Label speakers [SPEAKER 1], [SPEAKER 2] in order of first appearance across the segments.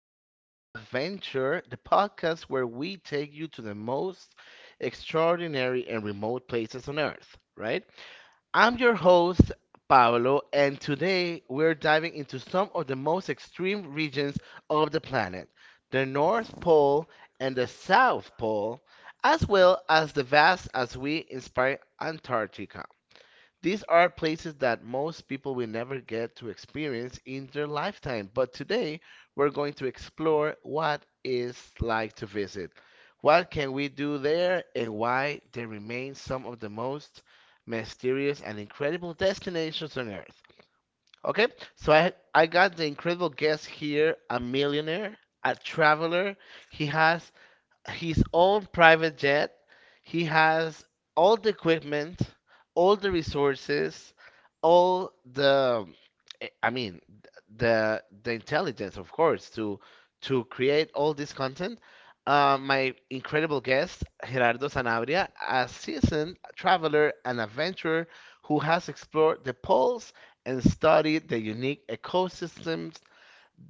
[SPEAKER 1] Polar Adventure, the podcast where we take you to the most extraordinary and remote places on Earth, right? I'm your host, Pablo, and today we're diving into some of the most extreme regions of the planet, the North Pole and the South Pole, as well as the vast as we inspire Antarctica. These are places that most people will never get to experience in their lifetime. But today, we're going to explore what it's like to visit. What can we do there and why they remain some of the most mysterious and incredible destinations on Earth. Okay? So I got the incredible guest here, a millionaire, a traveler. He has his own private jet. He has all the equipment, all the resources, all the, I mean, the intelligence, of course, to create all this content. My incredible guest, Gerardo Sanabria, a seasoned traveler and adventurer who has explored the poles and studied the unique ecosystems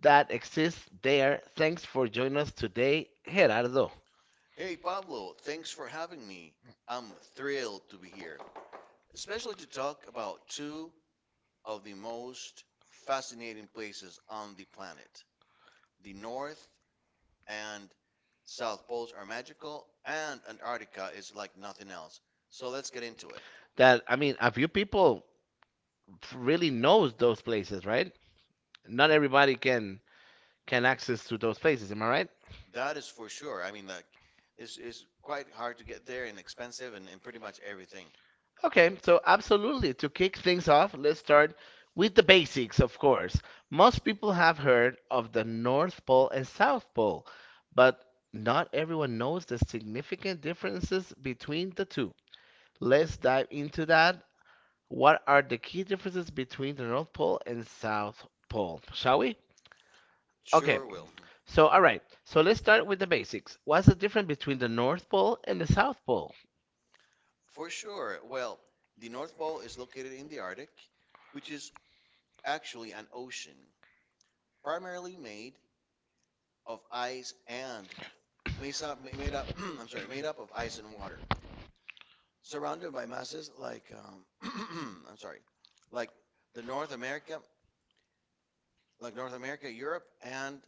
[SPEAKER 1] that exist there. Thanks for joining us today, Gerardo.
[SPEAKER 2] Hey Pablo, thanks for having me. I'm thrilled to be here, especially to talk about two of the most fascinating places on the planet. The North and South Poles are magical, and Antarctica is like nothing else. So let's get into it.
[SPEAKER 1] That I mean, a few people really knows those places, right? Not everybody can access to those places. Am I right?
[SPEAKER 2] That is for sure. I mean, like, it's quite hard to get there and expensive and pretty much everything.
[SPEAKER 1] Okay, so absolutely. To kick things off, let's start with the basics, of course. Most people have heard of the North Pole and South Pole, but not everyone knows the significant differences between the two. Let's dive into that. What are the key differences between the North Pole and South Pole, shall we?
[SPEAKER 2] Okay.
[SPEAKER 1] Sure. Okay,
[SPEAKER 2] Sure will. Mhm.
[SPEAKER 1] so all right, so let's start with the basics. What's the difference between the North Pole and the South Pole?
[SPEAKER 2] For sure. Well, the North Pole is located in the Arctic, which is actually an ocean, primarily made of ice and made up I'm sorry, made up of ice and water, surrounded by masses like I'm sorry, like the North America, North America, Europe,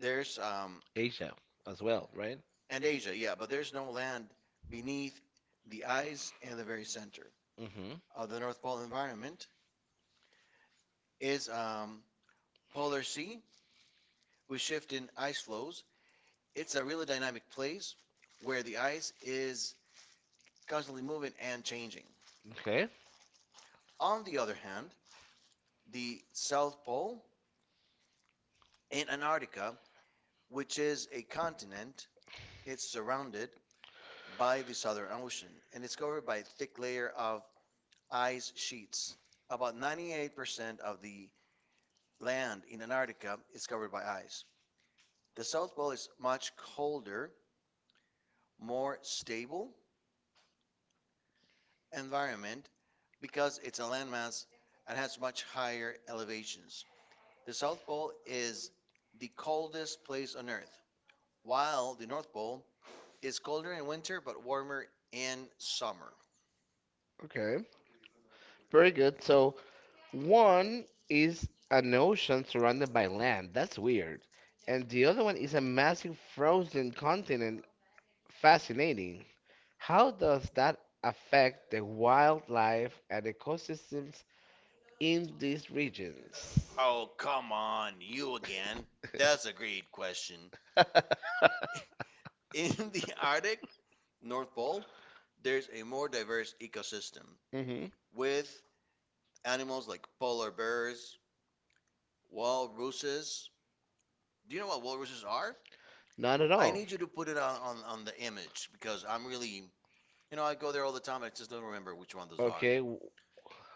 [SPEAKER 2] there's um,
[SPEAKER 1] Asia as well, right?
[SPEAKER 2] and Asia, yeah, but there's no land beneath the ice, and the very center
[SPEAKER 1] Mm-hmm.
[SPEAKER 2] of the North Pole environment is polar sea with shifting ice flows. It's a really dynamic place where the ice is constantly moving and changing.
[SPEAKER 1] Okay.
[SPEAKER 2] On the other hand, the South Pole in Antarctica, which is a continent, it's surrounded by the Southern Ocean, and it's covered by a thick layer of ice sheets. About 98% of the land in Antarctica is covered by ice. The South Pole is much colder, more stable environment because it's a landmass and has much higher elevations. The South Pole is the coldest place on Earth, while the North Pole is colder in winter but warmer in summer.
[SPEAKER 1] Okay. Very good. So one is an ocean surrounded by land. That's weird. And the other one is a massive frozen continent. Fascinating. How does that affect the wildlife and ecosystems in these regions?
[SPEAKER 2] Oh, come on, you again. That's a great question.
[SPEAKER 1] On.
[SPEAKER 2] In the Arctic North Pole, there's a more diverse ecosystem
[SPEAKER 1] Mm-hmm.
[SPEAKER 2] with animals like polar bears, walruses. Do you know what walruses are?
[SPEAKER 1] Not at.
[SPEAKER 2] I need you to put it on, on the image because I'm really, you know, I go there all the time. I just don't remember which one those are.
[SPEAKER 1] w-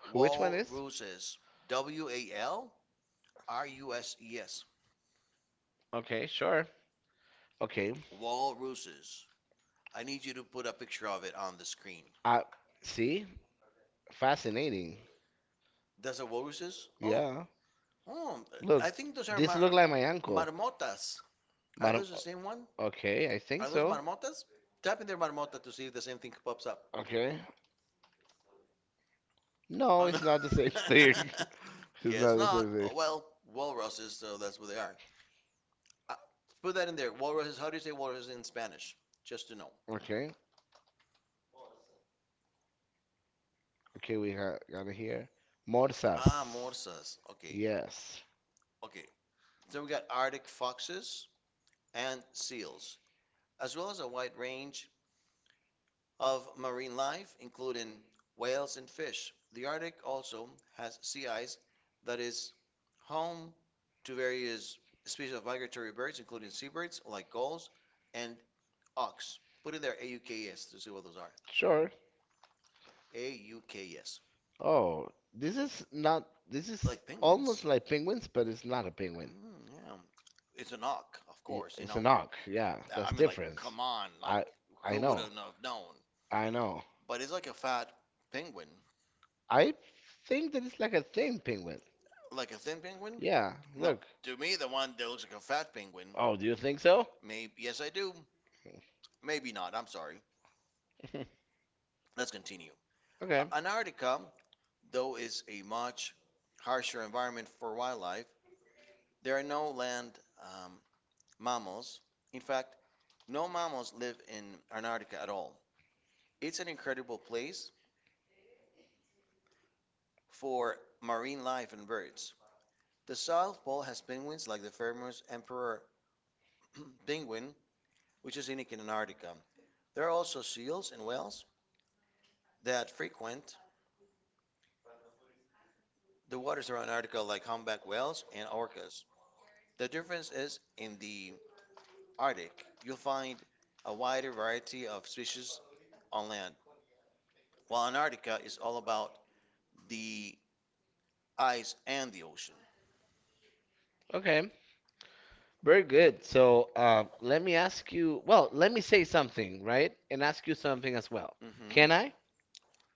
[SPEAKER 2] Walruses. W A L R U S E S.
[SPEAKER 1] Okay, sure. Okay,
[SPEAKER 2] Walruses. I need you to put a picture of it on the screen.
[SPEAKER 1] I see. Fascinating.
[SPEAKER 2] That's a walruses? Oh, oh, I think those are
[SPEAKER 1] Like my uncle.
[SPEAKER 2] marmotas. Are those the same one?
[SPEAKER 1] Okay, I think.
[SPEAKER 2] Are those marmotas? Type in there marmota to see if the same thing pops up.
[SPEAKER 1] Okay. No,
[SPEAKER 2] Oh, no.
[SPEAKER 1] not the same. It's
[SPEAKER 2] Guess not. Oh well, walruses, so that's what they are. Uh, Put that in there. Walruses, how do you say walruses in Spanish? Just to know.
[SPEAKER 1] okay. Okay, we got it here. Ah, Morsas.
[SPEAKER 2] Ah, morsas. Okay.
[SPEAKER 1] Yes,
[SPEAKER 2] Okay, so we got Arctic foxes and seals, as well as a wide range of marine life, including whales and fish. The Arctic also has sea ice that is home to various species of migratory birds, including seabirds like gulls and auks. Put in there AUKS to see what those are.
[SPEAKER 1] sure.
[SPEAKER 2] AUKS.
[SPEAKER 1] Oh, this is not, this is
[SPEAKER 2] Like
[SPEAKER 1] almost
[SPEAKER 2] penguins.
[SPEAKER 1] like penguins, but it's not a
[SPEAKER 2] Penguin.
[SPEAKER 1] penguin.
[SPEAKER 2] Mm, yeah. It's an auk, of course, you
[SPEAKER 1] It's
[SPEAKER 2] know.
[SPEAKER 1] an auk. Yeah, that's
[SPEAKER 2] I mean, like,
[SPEAKER 1] different.
[SPEAKER 2] come on, like,
[SPEAKER 1] I I
[SPEAKER 2] who would
[SPEAKER 1] know.
[SPEAKER 2] have known?
[SPEAKER 1] I know.
[SPEAKER 2] But it's like a fat penguin.
[SPEAKER 1] I think that it's like a thin penguin.
[SPEAKER 2] Like a thin penguin? Yeah.
[SPEAKER 1] Yeah,
[SPEAKER 2] No.
[SPEAKER 1] look.
[SPEAKER 2] To me, the one that looks like a fat penguin.
[SPEAKER 1] Oh, do you think so?
[SPEAKER 2] Maybe. Yes, I do. Maybe not. I'm sorry. Let's continue.
[SPEAKER 1] Okay.
[SPEAKER 2] Antarctica, though, is a much harsher environment for wildlife. There are no land um, mammals. In fact, no mammals live in Antarctica at all. It's an incredible place for marine life and birds. The South Pole has penguins like the famous emperor penguin, which is unique in Antarctica. There are also seals and whales that frequent the waters around Antarctica, like humpback whales and orcas. The difference is in the Arctic, you'll find a wider variety of species on land, while Antarctica is all about the ice and the ocean.
[SPEAKER 1] Okay. Very good. So, let me ask you, well, let me say something, right? And ask you something as well.
[SPEAKER 2] Hmm.
[SPEAKER 1] Can I?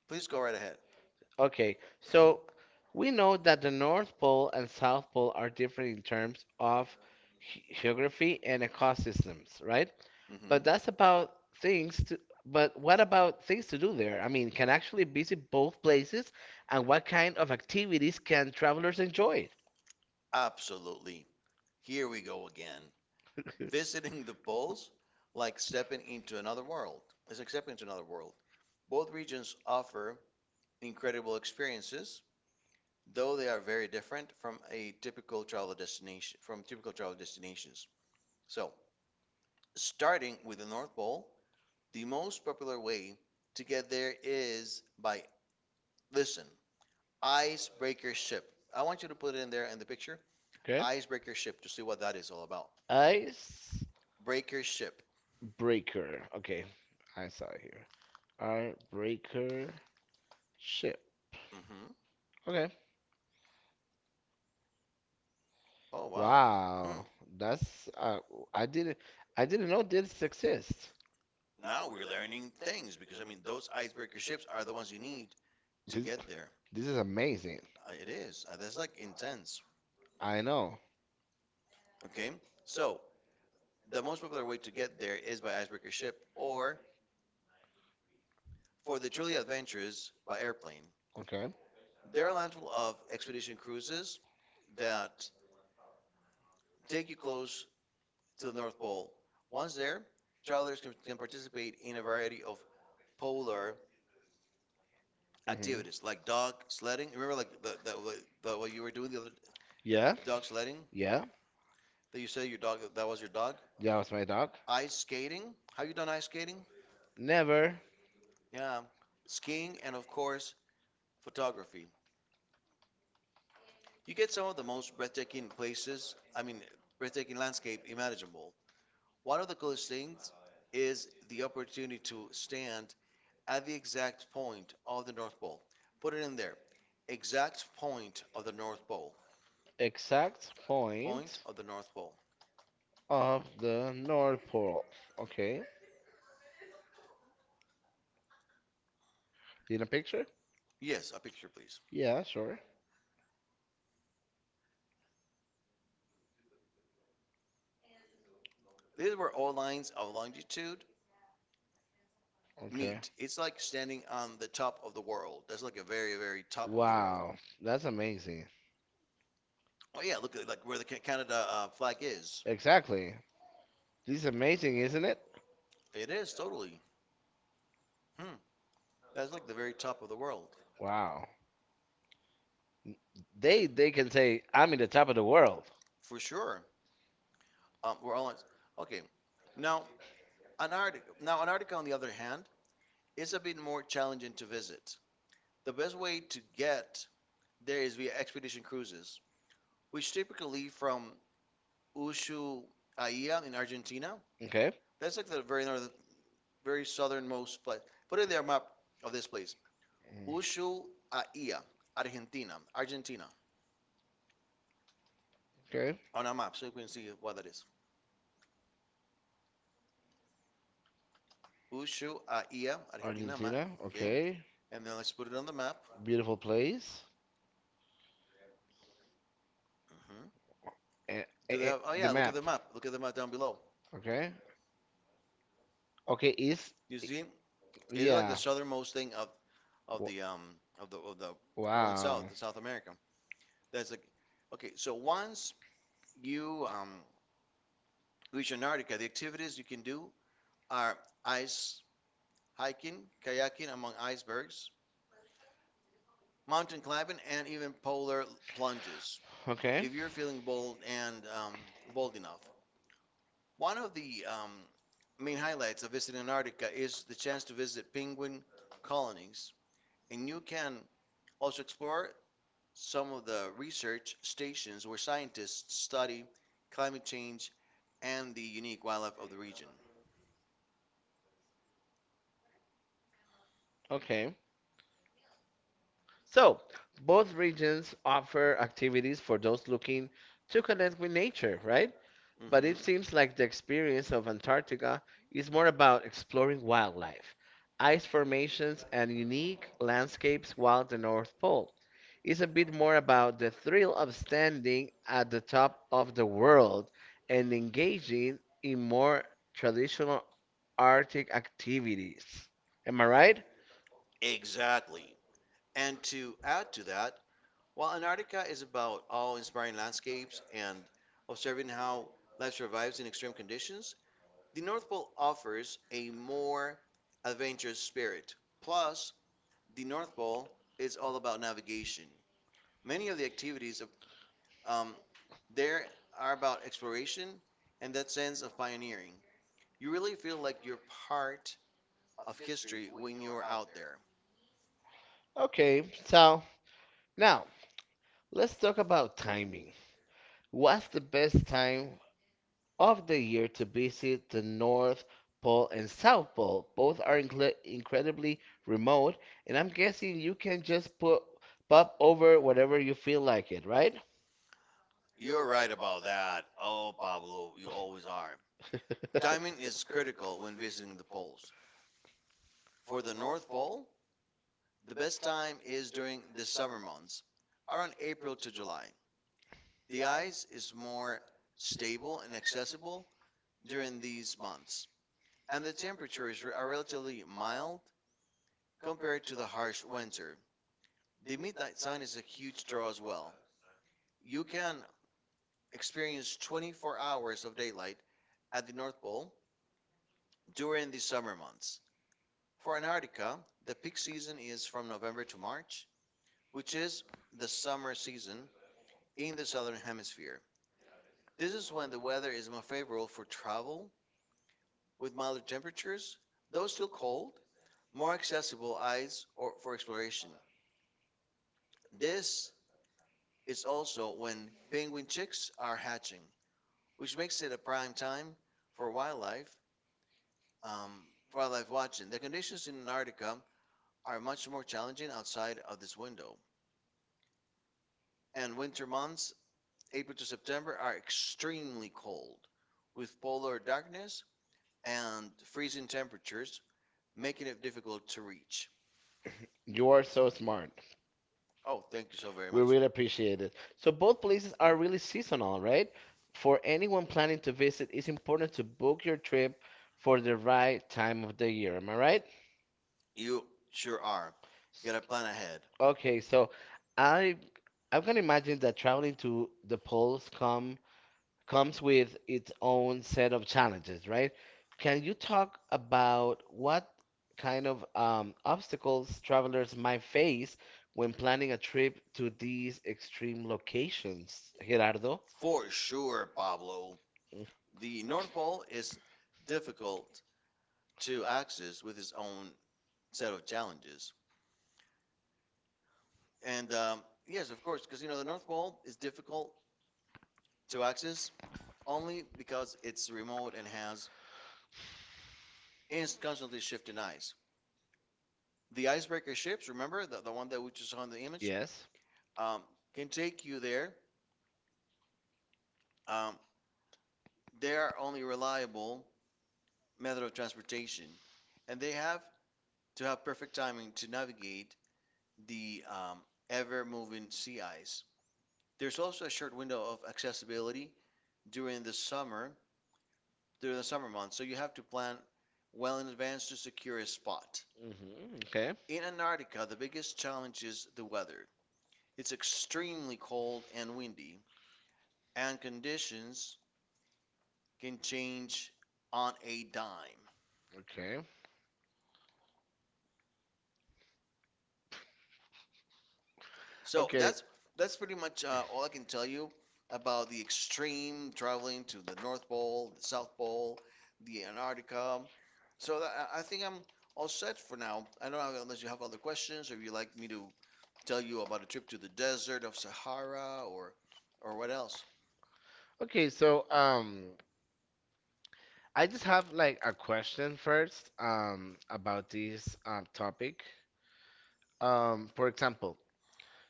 [SPEAKER 2] Please go right ahead.
[SPEAKER 1] Okay, so we know that the North Pole and South Pole are different in terms of geography and ecosystems, right?
[SPEAKER 2] Hmm.
[SPEAKER 1] But that's about things to, but what about things to do there? I mean, can actually visit both places, and what kind of activities can travelers enjoy?
[SPEAKER 2] Absolutely. Here we go again. Visiting the poles, like stepping into another world. It's like stepping into another world. Both regions offer incredible experiences, though they are very different from a typical travel destination from typical travel destinations. So, starting with the North Pole, the most popular way to get there is by listen, icebreaker ship. I want you to put it in there in the picture.
[SPEAKER 1] Okay.
[SPEAKER 2] Okay. Icebreaker ship to see what that is all about.
[SPEAKER 1] Ice
[SPEAKER 2] Breaker ship.
[SPEAKER 1] breaker. Okay, I saw it here. Icebreaker ship.
[SPEAKER 2] Hmm.
[SPEAKER 1] Okay.
[SPEAKER 2] Oh wow. Wow. Hmm.
[SPEAKER 1] Wow, that's, I didn't know this exists.
[SPEAKER 2] Now we're learning things, because I mean those icebreaker ships are the ones you need to
[SPEAKER 1] This
[SPEAKER 2] get there.
[SPEAKER 1] this is amazing.
[SPEAKER 2] It is. That's like intense.
[SPEAKER 1] I know.
[SPEAKER 2] Okay. So the most popular way to get there is by icebreaker ship or, for the truly adventurous, by airplane.
[SPEAKER 1] Okay.
[SPEAKER 2] There are a handful of expedition cruises that take you close to the North Pole. Once there, travelers can participate in a variety of polar activities
[SPEAKER 1] Hmm.
[SPEAKER 2] like dog sledding. Remember, like what you were doing the other
[SPEAKER 1] Yeah.
[SPEAKER 2] dog sledding?
[SPEAKER 1] Yeah.
[SPEAKER 2] That you said your dog, that was your dog.
[SPEAKER 1] That was my dog.
[SPEAKER 2] Ice skating. Have you done ice skating?
[SPEAKER 1] Never.
[SPEAKER 2] Yeah. Skiing and of course photography. You get some of the most breathtaking places, I mean, breathtaking landscape imaginable. One of the coolest things is the opportunity to stand at the exact point of the North Pole. Put it in there. Exact point of the North Pole.
[SPEAKER 1] Exact Point
[SPEAKER 2] Point of the North
[SPEAKER 1] point
[SPEAKER 2] Pole.
[SPEAKER 1] of the North Pole. Okay. Need a picture?
[SPEAKER 2] Yes, a picture, please.
[SPEAKER 1] Yeah, sure.
[SPEAKER 2] This is where all lines of longitude
[SPEAKER 1] Okay.
[SPEAKER 2] meet. It's like standing on the top of the world. That's like a very, very top of the world.
[SPEAKER 1] Wow, that's amazing.
[SPEAKER 2] Oh yeah, look at like where the Canada flag is.
[SPEAKER 1] Exactly. This is amazing, isn't it?
[SPEAKER 2] It is totally. Hmm. That's like the very top of the world,
[SPEAKER 1] Wow. They can say I'm in the top of the world.
[SPEAKER 2] for sure. We're all okay. Now, Antarctica. Now, Antarctica, on the other hand, is a bit more challenging to visit. The best way to get there is via expedition cruises, which typically from Ushuaia in Argentina.
[SPEAKER 1] Okay.
[SPEAKER 2] That's like the very northern, very southernmost place. Put in their map of this place,
[SPEAKER 1] Mm.
[SPEAKER 2] Ushuaia, Argentina,
[SPEAKER 1] Okay.
[SPEAKER 2] on a map so you can see what that is. Ushuaia, Argentina map.
[SPEAKER 1] Argentina map.
[SPEAKER 2] Okay.
[SPEAKER 1] Okay.
[SPEAKER 2] And then let's put it on the map.
[SPEAKER 1] Beautiful place.
[SPEAKER 2] Hmm.
[SPEAKER 1] Eh,
[SPEAKER 2] Do they
[SPEAKER 1] eh,
[SPEAKER 2] have? Oh
[SPEAKER 1] eh, the
[SPEAKER 2] yeah, look at
[SPEAKER 1] map.
[SPEAKER 2] the map. Look at the map down below.
[SPEAKER 1] Okay. Okay. Is
[SPEAKER 2] You see,
[SPEAKER 1] It's,
[SPEAKER 2] it's like the
[SPEAKER 1] yeah.
[SPEAKER 2] southernmost thing of of
[SPEAKER 1] W-
[SPEAKER 2] the um of the wow. Going south
[SPEAKER 1] Wow.
[SPEAKER 2] in South America. That's like okay. So once you reach Antarctica, the activities you can do are ice hiking, kayaking among icebergs, mountain climbing, and even polar plunges.
[SPEAKER 1] South.
[SPEAKER 2] Okay.
[SPEAKER 1] Okay.
[SPEAKER 2] If you're feeling bold and bold enough, one of the main highlights of visiting Antarctica is the chance to visit penguin colonies, and you can also explore some of the research stations where scientists study climate change and the unique wildlife of the region.
[SPEAKER 1] Okay. So, both regions offer activities for those looking to connect with nature, right?
[SPEAKER 2] Mm-hmm.
[SPEAKER 1] But it seems
[SPEAKER 2] Mhm.
[SPEAKER 1] like the experience of Antarctica is more about exploring wildlife, ice formations, and unique landscapes, while the North Pole is a bit more about the thrill of standing at the top of the world and engaging in more traditional Arctic activities. Am I right?
[SPEAKER 2] Exactly. And to add to that, while Antarctica is about awe inspiring landscapes and observing how life survives in extreme conditions, the North Pole offers a more adventurous spirit. Plus, the North Pole is all about navigation. Many of the um, there are about exploration and that sense of pioneering. You really feel like you're part of history when you're out there.
[SPEAKER 1] Okay, so now. Let's talk about timing. What's the best time of the year to visit the North Pole and South Pole? Both are incredibly remote, and I'm guessing you can just put pop over whatever you feel like it, right?
[SPEAKER 2] You're right about that. Oh, Pablo, you always are.
[SPEAKER 1] Dive into
[SPEAKER 2] Timing is critical when visiting
[SPEAKER 1] the
[SPEAKER 2] the
[SPEAKER 1] polls.
[SPEAKER 2] poles. For the North Pole, the best time is during the summer months, around April to July. The ice is more stable and accessible during these months, and the temperatures are relatively mild compared to the harsh winter. The midnight sun is a huge draw as well. You can experience 24 hours of daylight at the North Pole during the summer months. For Antarctica, the peak season is from November to March, which is the summer season in the southern hemisphere. This is when the weather is more favorable for travel with milder temperatures, though still cold, more accessible eyes or for exploration. This is also when penguin chicks are hatching, which makes it a prime time for um, wildlife watching. The conditions in Antarctica are much more challenging outside of this window, and winter months, April to September, are extremely cold, with polar darkness and freezing temperatures, making it difficult to reach.
[SPEAKER 1] You are so smart. Oh,
[SPEAKER 2] Oh,
[SPEAKER 1] very.
[SPEAKER 2] thank you so very
[SPEAKER 1] We much.
[SPEAKER 2] much.
[SPEAKER 1] Really appreciate it. So both places are really seasonal, right? For anyone planning to visit, it's important to book your trip for the right time of the year. Am I right?
[SPEAKER 2] You sure are.
[SPEAKER 1] Get.
[SPEAKER 2] Gotta plan ahead.
[SPEAKER 1] Okay, so I I can imagine that traveling to the poles comes with its own set of challenges, right? Can you talk about what kind of, obstacles travelers might face when planning a trip to these extreme locations, Gerardo?
[SPEAKER 2] For sure, Pablo.
[SPEAKER 1] Mm.
[SPEAKER 2] The North Pole is difficult to access with its own set of challenges. And yes, of course, because you know the North Pole is difficult to access only because it's remote and has constantly shifting ice. The icebreaker ships, remember the one that we just saw in the image,
[SPEAKER 1] Yes.
[SPEAKER 2] um, can take you there. Um, they are only reliable method of transportation, and they have to have perfect timing to navigate the ever moving sea ice. There's also a short window of accessibility during the summer, during the summer months, so you have to plan well in advance to secure a spot.
[SPEAKER 1] Hmm. Okay.
[SPEAKER 2] In Antarctica, the biggest challenge is the weather. It's extremely cold and windy, and conditions can change on a dime.
[SPEAKER 1] Okay.
[SPEAKER 2] So
[SPEAKER 1] Okay.
[SPEAKER 2] that's that's pretty much all I can tell you about the extreme traveling to the North Pole, the South Pole, the Antarctica. So that, I think I'm all set for now. I don't know unless you have other questions or if you'd like me to tell you about a trip to the desert of Sahara or what else.
[SPEAKER 1] Okay. So, I just have like a question first, about this, topic. For example,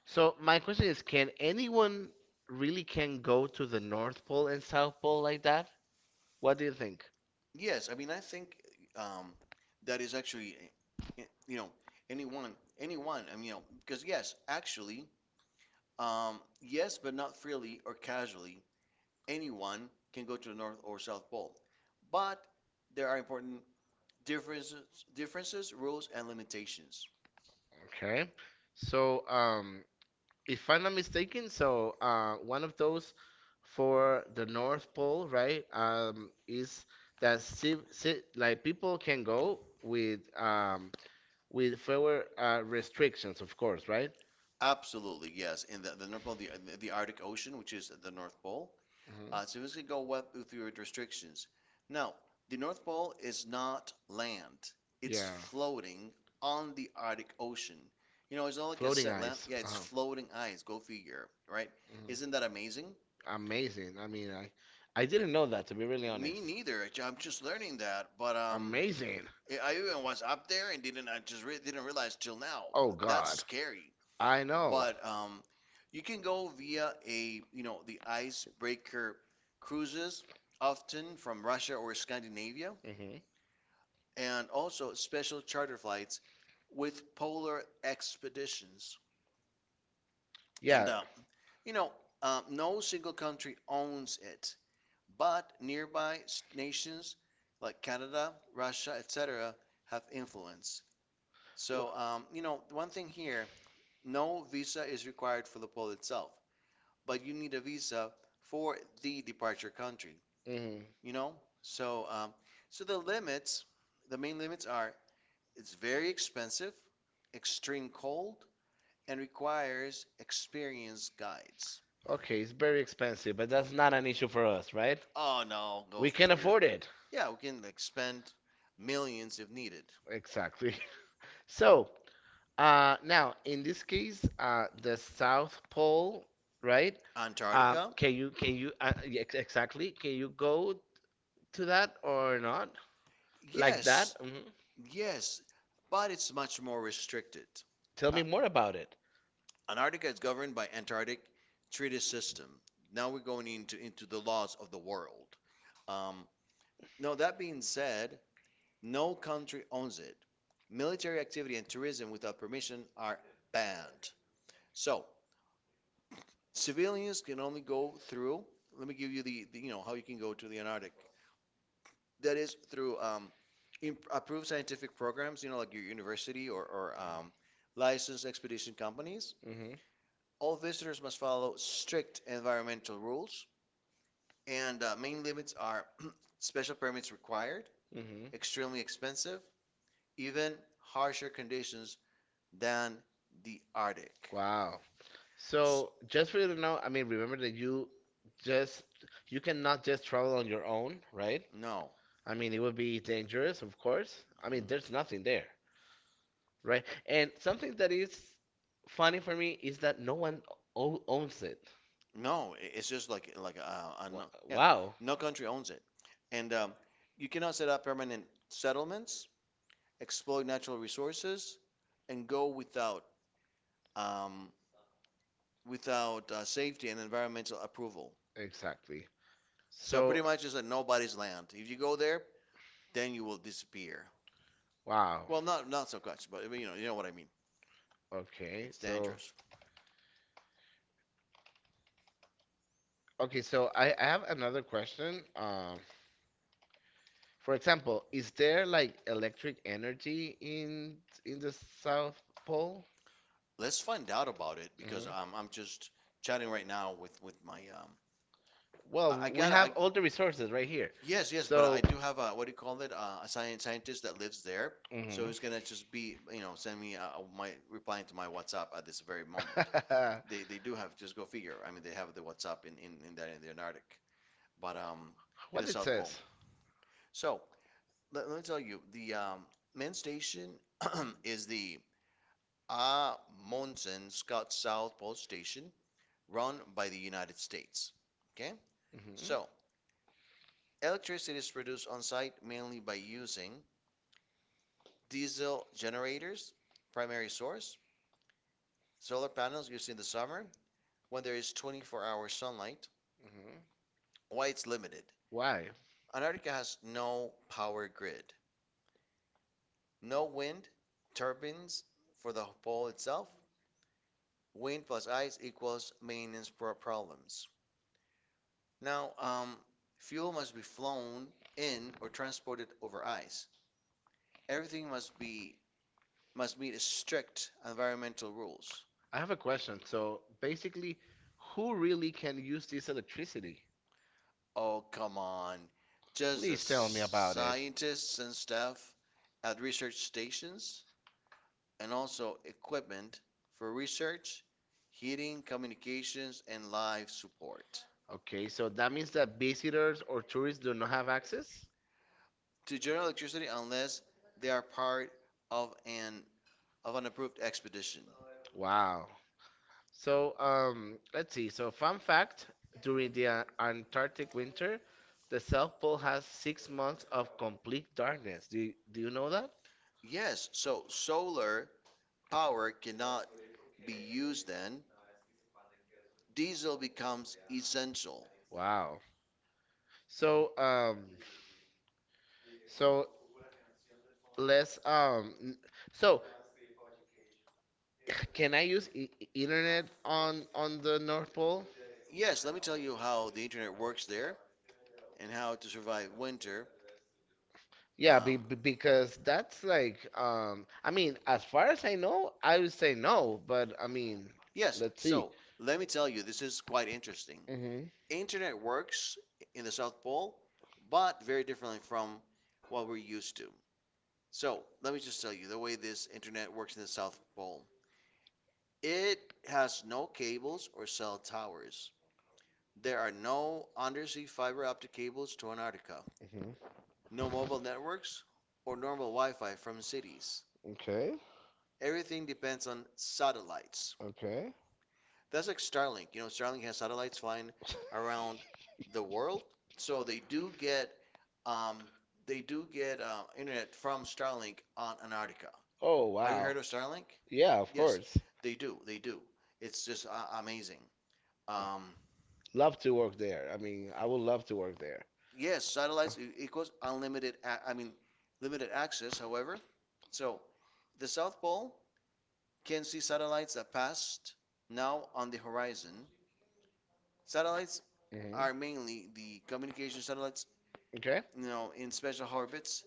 [SPEAKER 1] so my question is, can anyone really can go to the North Pole and South Pole like that? What do you think?
[SPEAKER 2] Yes, I mean I think um, that is actually you know anyone I mean you know because yes actually yes, but not freely or casually anyone can go to the North or South Pole, but there are important differences, differences, rules, and limitations.
[SPEAKER 1] Okay, so, if I'm not mistaken, so, one of those for the North Pole, right, is that civ ci like people can go with, fewer, restrictions, of course, right?
[SPEAKER 2] Absolutely, yes. In the North Pole, the Arctic Ocean, which is the North Pole,
[SPEAKER 1] Mhm.
[SPEAKER 2] so swimmers can go wet through restrictions. Now, the North Pole is not land; it's
[SPEAKER 1] Yeah.
[SPEAKER 2] floating on the Arctic Ocean. You know, it's not like a
[SPEAKER 1] Floating
[SPEAKER 2] set land.
[SPEAKER 1] ice.
[SPEAKER 2] Yeah, it's
[SPEAKER 1] Uh-huh.
[SPEAKER 2] floating ice. Go figure, right? Isn't that
[SPEAKER 1] Mhm.
[SPEAKER 2] amazing?
[SPEAKER 1] Amazing. I mean, I didn't know that to be really, Me
[SPEAKER 2] Me
[SPEAKER 1] honest.
[SPEAKER 2] neither. Actually, I'm just learning that, but amazing.
[SPEAKER 1] Amazing.
[SPEAKER 2] I even was up there and didn't. I just didn't realize till now. Oh,
[SPEAKER 1] Oh
[SPEAKER 2] that's
[SPEAKER 1] God.
[SPEAKER 2] God, scary.
[SPEAKER 1] I know.
[SPEAKER 2] But you can go via a you know the icebreaker cruises, often from Russia or Scandinavia,
[SPEAKER 1] Hmm. You.
[SPEAKER 2] and also special charter flights with polar expeditions. And
[SPEAKER 1] Yeah.
[SPEAKER 2] you know, no single country owns it, but nearby nations like Canada, Russia, etc., have influence. So, you
[SPEAKER 1] Well,
[SPEAKER 2] know, one thing here, no visa is required for the poll itself, but you need a visa for the departure country,
[SPEAKER 1] yeah. Hmm.
[SPEAKER 2] you know? So, so the limits, the main limits are it's very expensive, extreme cold, and requires experienced guides.
[SPEAKER 1] Okay, it's very expensive, but that's not an issue for us, right?
[SPEAKER 2] Oh no, go
[SPEAKER 1] We can. No.
[SPEAKER 2] figure. Can,
[SPEAKER 1] Afford it.
[SPEAKER 2] yeah, we can like spend millions if needed.
[SPEAKER 1] Exactly. So, now, in this case, the South Pole, right?
[SPEAKER 2] Antarctica?
[SPEAKER 1] Can you yeah, exactly? Can you go to that or not? Like that?
[SPEAKER 2] Yes,
[SPEAKER 1] Hmm.
[SPEAKER 2] yes, but it's much more restricted.
[SPEAKER 1] Tell
[SPEAKER 2] Uh,
[SPEAKER 1] me more about it.
[SPEAKER 2] Antarctica is governed by Antarctic Treaty System. Now we're going into the laws of the world. Um, Now that being said, no country owns it. Military activity and tourism without permission are banned. So civilians can only go through. Let me give you the you know how you can go to the Antarctic. That is through approved scientific programs, you know, like your university, or licensed expedition companies.
[SPEAKER 1] Hmm.
[SPEAKER 2] All visitors must follow strict environmental rules, and main limits are special permits required,
[SPEAKER 1] Hmm.
[SPEAKER 2] extremely expensive, even harsher conditions than the Arctic.
[SPEAKER 1] Wow.
[SPEAKER 2] S-
[SPEAKER 1] So just for you to know, I mean, remember that just you cannot just travel on your own, right?
[SPEAKER 2] no.
[SPEAKER 1] I mean, it would be dangerous, of course. I mean, there's
[SPEAKER 2] Mhm.
[SPEAKER 1] nothing there, right? And something that is funny for me is that no one owns it.
[SPEAKER 2] No, it's just like
[SPEAKER 1] Wa-
[SPEAKER 2] no, yeah,
[SPEAKER 1] Wow.
[SPEAKER 2] no country owns it, and you cannot set up permanent settlements, exploit natural resources, and go without um, without safety and environmental approval.
[SPEAKER 1] Exactly.
[SPEAKER 2] So
[SPEAKER 1] So,
[SPEAKER 2] pretty much it's like nobody's land. If you go there, then you will disappear.
[SPEAKER 1] wow.
[SPEAKER 2] Well, not not so much, but you know what I mean.
[SPEAKER 1] Well, okay. Yeah.
[SPEAKER 2] It's
[SPEAKER 1] So,
[SPEAKER 2] dangerous.
[SPEAKER 1] okay. So, I have another question. For example, is there like electric energy in the South Pole?
[SPEAKER 2] Let's find out about it because
[SPEAKER 1] Hmm.
[SPEAKER 2] I'm just chatting right now with my Well,
[SPEAKER 1] Well, we have, can, all the resources right here.
[SPEAKER 2] yes, yes, but
[SPEAKER 1] So,
[SPEAKER 2] I do have a what do you call it? A science scientist that lives there, so
[SPEAKER 1] mhm.
[SPEAKER 2] he's gonna just be you know send me my replying to my WhatsApp at this very moment.
[SPEAKER 1] Read mine.
[SPEAKER 2] They do have just go figure. I mean, they have the WhatsApp in that in the Antarctic, but in the
[SPEAKER 1] What it
[SPEAKER 2] South Pole.
[SPEAKER 1] says?
[SPEAKER 2] So let me tell you, the main station is the Amundsen Scott South Pole Station, run by the United States. Okay,
[SPEAKER 1] Hmm.
[SPEAKER 2] so electricity is produced on site mainly by using diesel generators, primary source, solar panels used in the summer when there is 24-hour sunlight.
[SPEAKER 1] So,
[SPEAKER 2] Why it's limited?
[SPEAKER 1] why?
[SPEAKER 2] Antarctica has no power grid, no wind turbines for the pole itself. Wind plus ice equals maintenance problems. Now, fuel must be flown in or transported over ice. Everything must be must meet strict environmental rules.
[SPEAKER 1] I have a question. So basically, who really can use this electricity?
[SPEAKER 2] Oh, come on. Just the
[SPEAKER 1] Please tell me about it.
[SPEAKER 2] scientists and staff at research stations and also equipment for research, heating, communications, and life support
[SPEAKER 1] Okay, so that means that visitors or tourists do not have access?
[SPEAKER 2] to generate electricity unless they are part of an approved expedition.
[SPEAKER 1] Wow. So, let's see. So, fun fact, during the, Antarctic winter, the South Pole has 6 months of complete darkness. Do you know that?
[SPEAKER 2] Yes, so solar power cannot be used then. Diesel becomes essential.
[SPEAKER 1] Wow. So, so let's, so, can I use I internet on the North Pole?
[SPEAKER 2] Yes, let me tell you how the internet works there and how to survive winter. Yeah.
[SPEAKER 1] Yeah, because that's
[SPEAKER 2] That's like,
[SPEAKER 1] like,
[SPEAKER 2] um,
[SPEAKER 1] I mean, as far as I know, I would say no, but I mean,
[SPEAKER 2] yes,
[SPEAKER 1] let's see.
[SPEAKER 2] so let me tell you, this is quite interesting.
[SPEAKER 1] Mhm.
[SPEAKER 2] Internet works in the South Pole, but very differently from what we're used to. So let me just tell you the way this internet works in the South Pole. It has no cables or cell towers. There are no undersea fiber optic cables to Antarctica,
[SPEAKER 1] Mhm.
[SPEAKER 2] no mobile networks or normal Wi-Fi from cities.
[SPEAKER 1] Okay.
[SPEAKER 2] Everything depends on satellites.
[SPEAKER 1] Okay.
[SPEAKER 2] That's like Starlink. You know, Starlink has satellites flying around the world, so Um, they do get internet from Starlink on Antarctica.
[SPEAKER 1] Oh,
[SPEAKER 2] Have you
[SPEAKER 1] wow.
[SPEAKER 2] heard of Starlink?
[SPEAKER 1] Yeah, of
[SPEAKER 2] Yes.
[SPEAKER 1] course.
[SPEAKER 2] They do. They do. It's just amazing. Um,
[SPEAKER 1] Love to work there. I mean, I would love to work there.
[SPEAKER 2] yes, satellites equals unlimited. I mean, limited access. However, so the South Pole can see satellites that passed now on the horizon. Satellites are
[SPEAKER 1] Mhm.
[SPEAKER 2] mainly the communication satellites,
[SPEAKER 1] Okay.
[SPEAKER 2] you know, in special orbits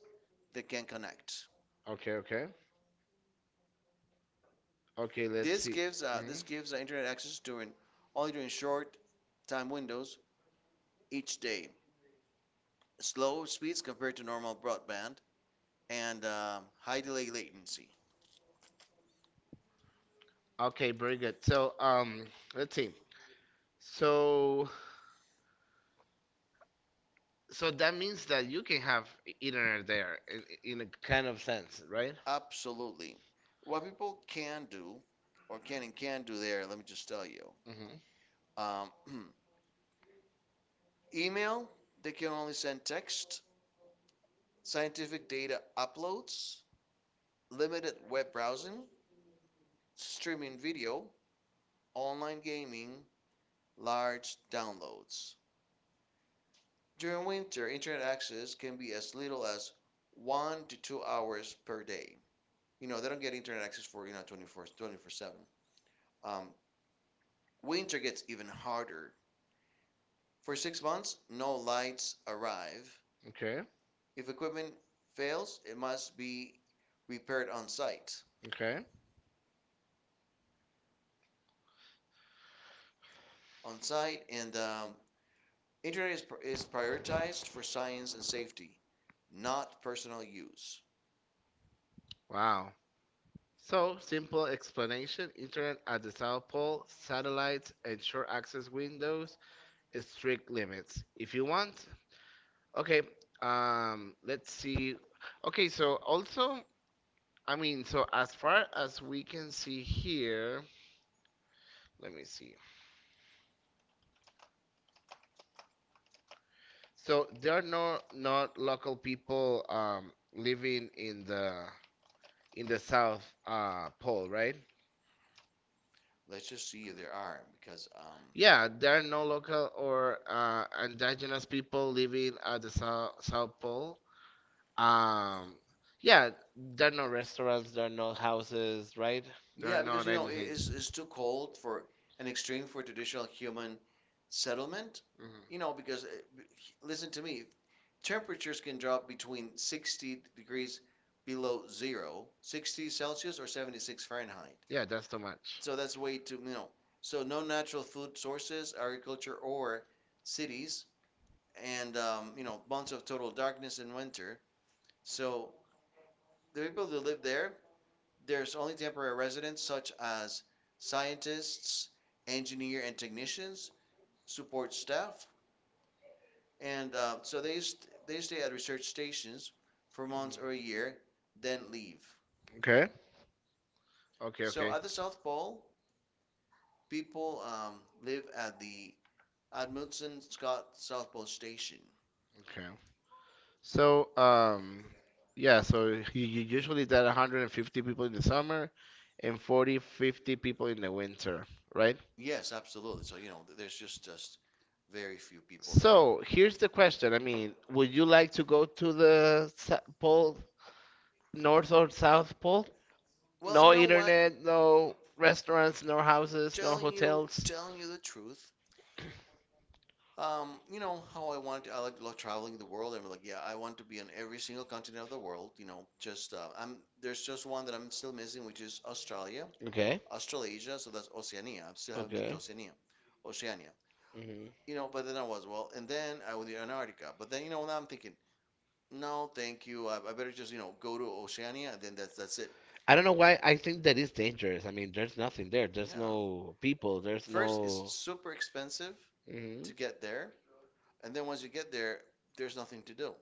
[SPEAKER 2] that can connect.
[SPEAKER 1] Okay, okay. Okay, let's.
[SPEAKER 2] This
[SPEAKER 1] Mhm.
[SPEAKER 2] gives internet access during only during short time windows each day. Slow speeds compared to normal broadband and high delay latency.
[SPEAKER 1] Okay, very good. So, let's see. So, So, that means that you can have internet there in a kind of sense, right?
[SPEAKER 2] Absolutely. What people can do, or can and can do there, let me just tell you.
[SPEAKER 1] Hmm.
[SPEAKER 2] Um, email, they can only send text, scientific data uploads, limited web browsing, streaming video, online gaming, large downloads. During winter, internet access can be as little as 1 to 2 hours per day. You know, they don't get internet access for, you know, 24, 7. Um, Winter gets even harder. For 6 months, no lights arrive.
[SPEAKER 1] Okay.
[SPEAKER 2] If equipment fails, it must be repaired on site.
[SPEAKER 1] Okay.
[SPEAKER 2] On site, and internet is prioritized for science and safety, not personal use.
[SPEAKER 1] Wow. So, simple explanation, internet at the South Pole, satellites and short access windows, strict limits. If you want, okay, let's see. Okay, so also, I mean, so as far as we can see here, let me see. So, there are no, not local people, living in the South, Pole, right?
[SPEAKER 2] Let's just see if there are, because yeah,
[SPEAKER 1] Yeah,
[SPEAKER 2] there
[SPEAKER 1] there are
[SPEAKER 2] are no
[SPEAKER 1] no local
[SPEAKER 2] local or
[SPEAKER 1] or, indigenous people living at the South Pole. Um, yeah, there are no restaurants, there are no houses, right? There
[SPEAKER 2] yeah,
[SPEAKER 1] are
[SPEAKER 2] because
[SPEAKER 1] not
[SPEAKER 2] you know it
[SPEAKER 1] anything.
[SPEAKER 2] is is too cold for an extreme for traditional human settlement. You
[SPEAKER 1] Hmm.
[SPEAKER 2] know, because listen to me, temperatures can drop between 60 degrees below zero, 60 Celsius or 76 Fahrenheit.
[SPEAKER 1] Yeah, that's too much.
[SPEAKER 2] So that's way too, you know. So no natural food sources, agriculture or cities, and you know months of total darkness in winter. So the people that live there, there's only temporary residents such as scientists, engineer and technicians, support staff, and so they stay at research stations for months or a year, then leave.
[SPEAKER 1] Okay.
[SPEAKER 2] Okay,
[SPEAKER 1] Okay,
[SPEAKER 2] so
[SPEAKER 1] okay.
[SPEAKER 2] okay, at the South Pole, people live at the Amundsen Scott South Pole Station.
[SPEAKER 1] Okay. So, yeah, so you usually that 150 people in the summer and 40, 50 people in the winter, right?
[SPEAKER 2] Yes, absolutely. So you know, there's just very few people there.
[SPEAKER 1] So here's the question. I mean, would you like to go to the pole, north or south pole?
[SPEAKER 2] Well,
[SPEAKER 1] No
[SPEAKER 2] you know what?
[SPEAKER 1] internet, no restaurants, no houses, no hotels.
[SPEAKER 2] Telling you the truth, you know how I want. I like love traveling the world, and like, yeah, I want to be on every single continent of the world. You know, just I'm there's just one that I'm still missing, which is Australia,
[SPEAKER 1] Okay,
[SPEAKER 2] Australasia. So that's Oceania. I still haven't been to
[SPEAKER 1] okay.
[SPEAKER 2] Oceania, Oceania.
[SPEAKER 1] Hmm.
[SPEAKER 2] You know, but then I was well, and then I went to Antarctica. But then you know, now I'm thinking, no, thank you. I better just you know go to Oceania, and then that's it.
[SPEAKER 1] I don't know why I think that is dangerous. I mean, there's nothing there. There's
[SPEAKER 2] Yeah.
[SPEAKER 1] no people. There's
[SPEAKER 2] First, it's
[SPEAKER 1] no.
[SPEAKER 2] super expensive to
[SPEAKER 1] Mhm.
[SPEAKER 2] get there, and then once you get there, there's nothing to do.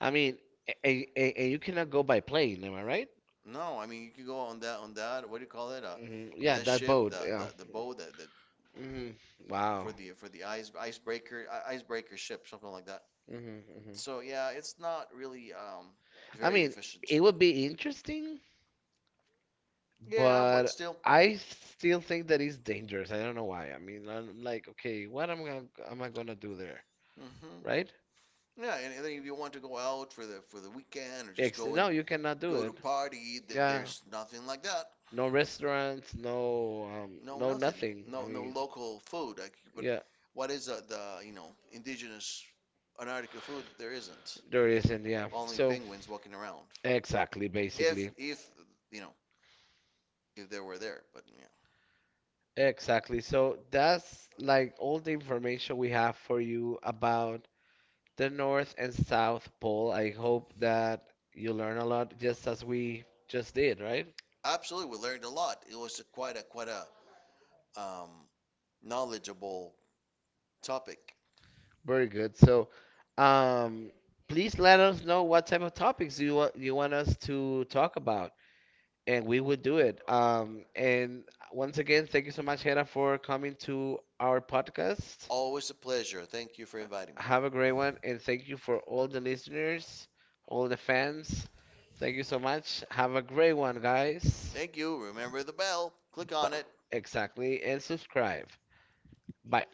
[SPEAKER 1] I mean, you cannot go by plane, am I right?
[SPEAKER 2] No, I mean you can go on that. What do you call it?
[SPEAKER 1] Hmm. Yeah,
[SPEAKER 2] That
[SPEAKER 1] that
[SPEAKER 2] ship,
[SPEAKER 1] boat.
[SPEAKER 2] the
[SPEAKER 1] Yeah.
[SPEAKER 2] the the boat that
[SPEAKER 1] That. Hmm.
[SPEAKER 2] for
[SPEAKER 1] Wow.
[SPEAKER 2] the ice icebreaker ship, something like that.
[SPEAKER 1] That. Hmm. Hmm.
[SPEAKER 2] So yeah, it's not really
[SPEAKER 1] I
[SPEAKER 2] very
[SPEAKER 1] mean,
[SPEAKER 2] efficient.
[SPEAKER 1] it would be interesting,
[SPEAKER 2] Yeah, but
[SPEAKER 1] but
[SPEAKER 2] still.
[SPEAKER 1] I still think that it's dangerous. I don't know why. I mean, I'm like, okay, what am I gonna do there,
[SPEAKER 2] Hmm.
[SPEAKER 1] right?
[SPEAKER 2] Yeah, and then if you want to go out for the weekend or just go and
[SPEAKER 1] No, you cannot do
[SPEAKER 2] go
[SPEAKER 1] it.
[SPEAKER 2] to party, th
[SPEAKER 1] Yeah,
[SPEAKER 2] there's nothing like that.
[SPEAKER 1] no restaurants, no,
[SPEAKER 2] No,
[SPEAKER 1] no,
[SPEAKER 2] nothing.
[SPEAKER 1] I
[SPEAKER 2] No, no
[SPEAKER 1] mean,
[SPEAKER 2] local food. Like, but
[SPEAKER 1] yeah,
[SPEAKER 2] what is the you know indigenous Antarctica food? There isn't.
[SPEAKER 1] there isn't. Yeah,
[SPEAKER 2] Only
[SPEAKER 1] so.
[SPEAKER 2] penguins walking around.
[SPEAKER 1] Exactly. Yes,
[SPEAKER 2] If
[SPEAKER 1] basically.
[SPEAKER 2] if you know if they were there, but yeah,
[SPEAKER 1] Exactly. So that's like all the information we have for you about the North and South Pole. I hope that you learn a lot just as we just did, right?
[SPEAKER 2] absolutely, we learned a lot. It was a, quite a um, knowledgeable topic.
[SPEAKER 1] Very good. So, um, please let us know what type of topics you want us to talk about, and we will do it. And once again, thank you so much, Hera, for coming to our podcast.
[SPEAKER 2] Always a pleasure. Thank you for inviting me.
[SPEAKER 1] Have a great one, and thank you for all the listeners, all the fans. Thank you so much. Have a great one, guys.
[SPEAKER 2] Thank you. Remember the bell. Click on
[SPEAKER 1] But,
[SPEAKER 2] it.
[SPEAKER 1] exactly, and subscribe. Bye.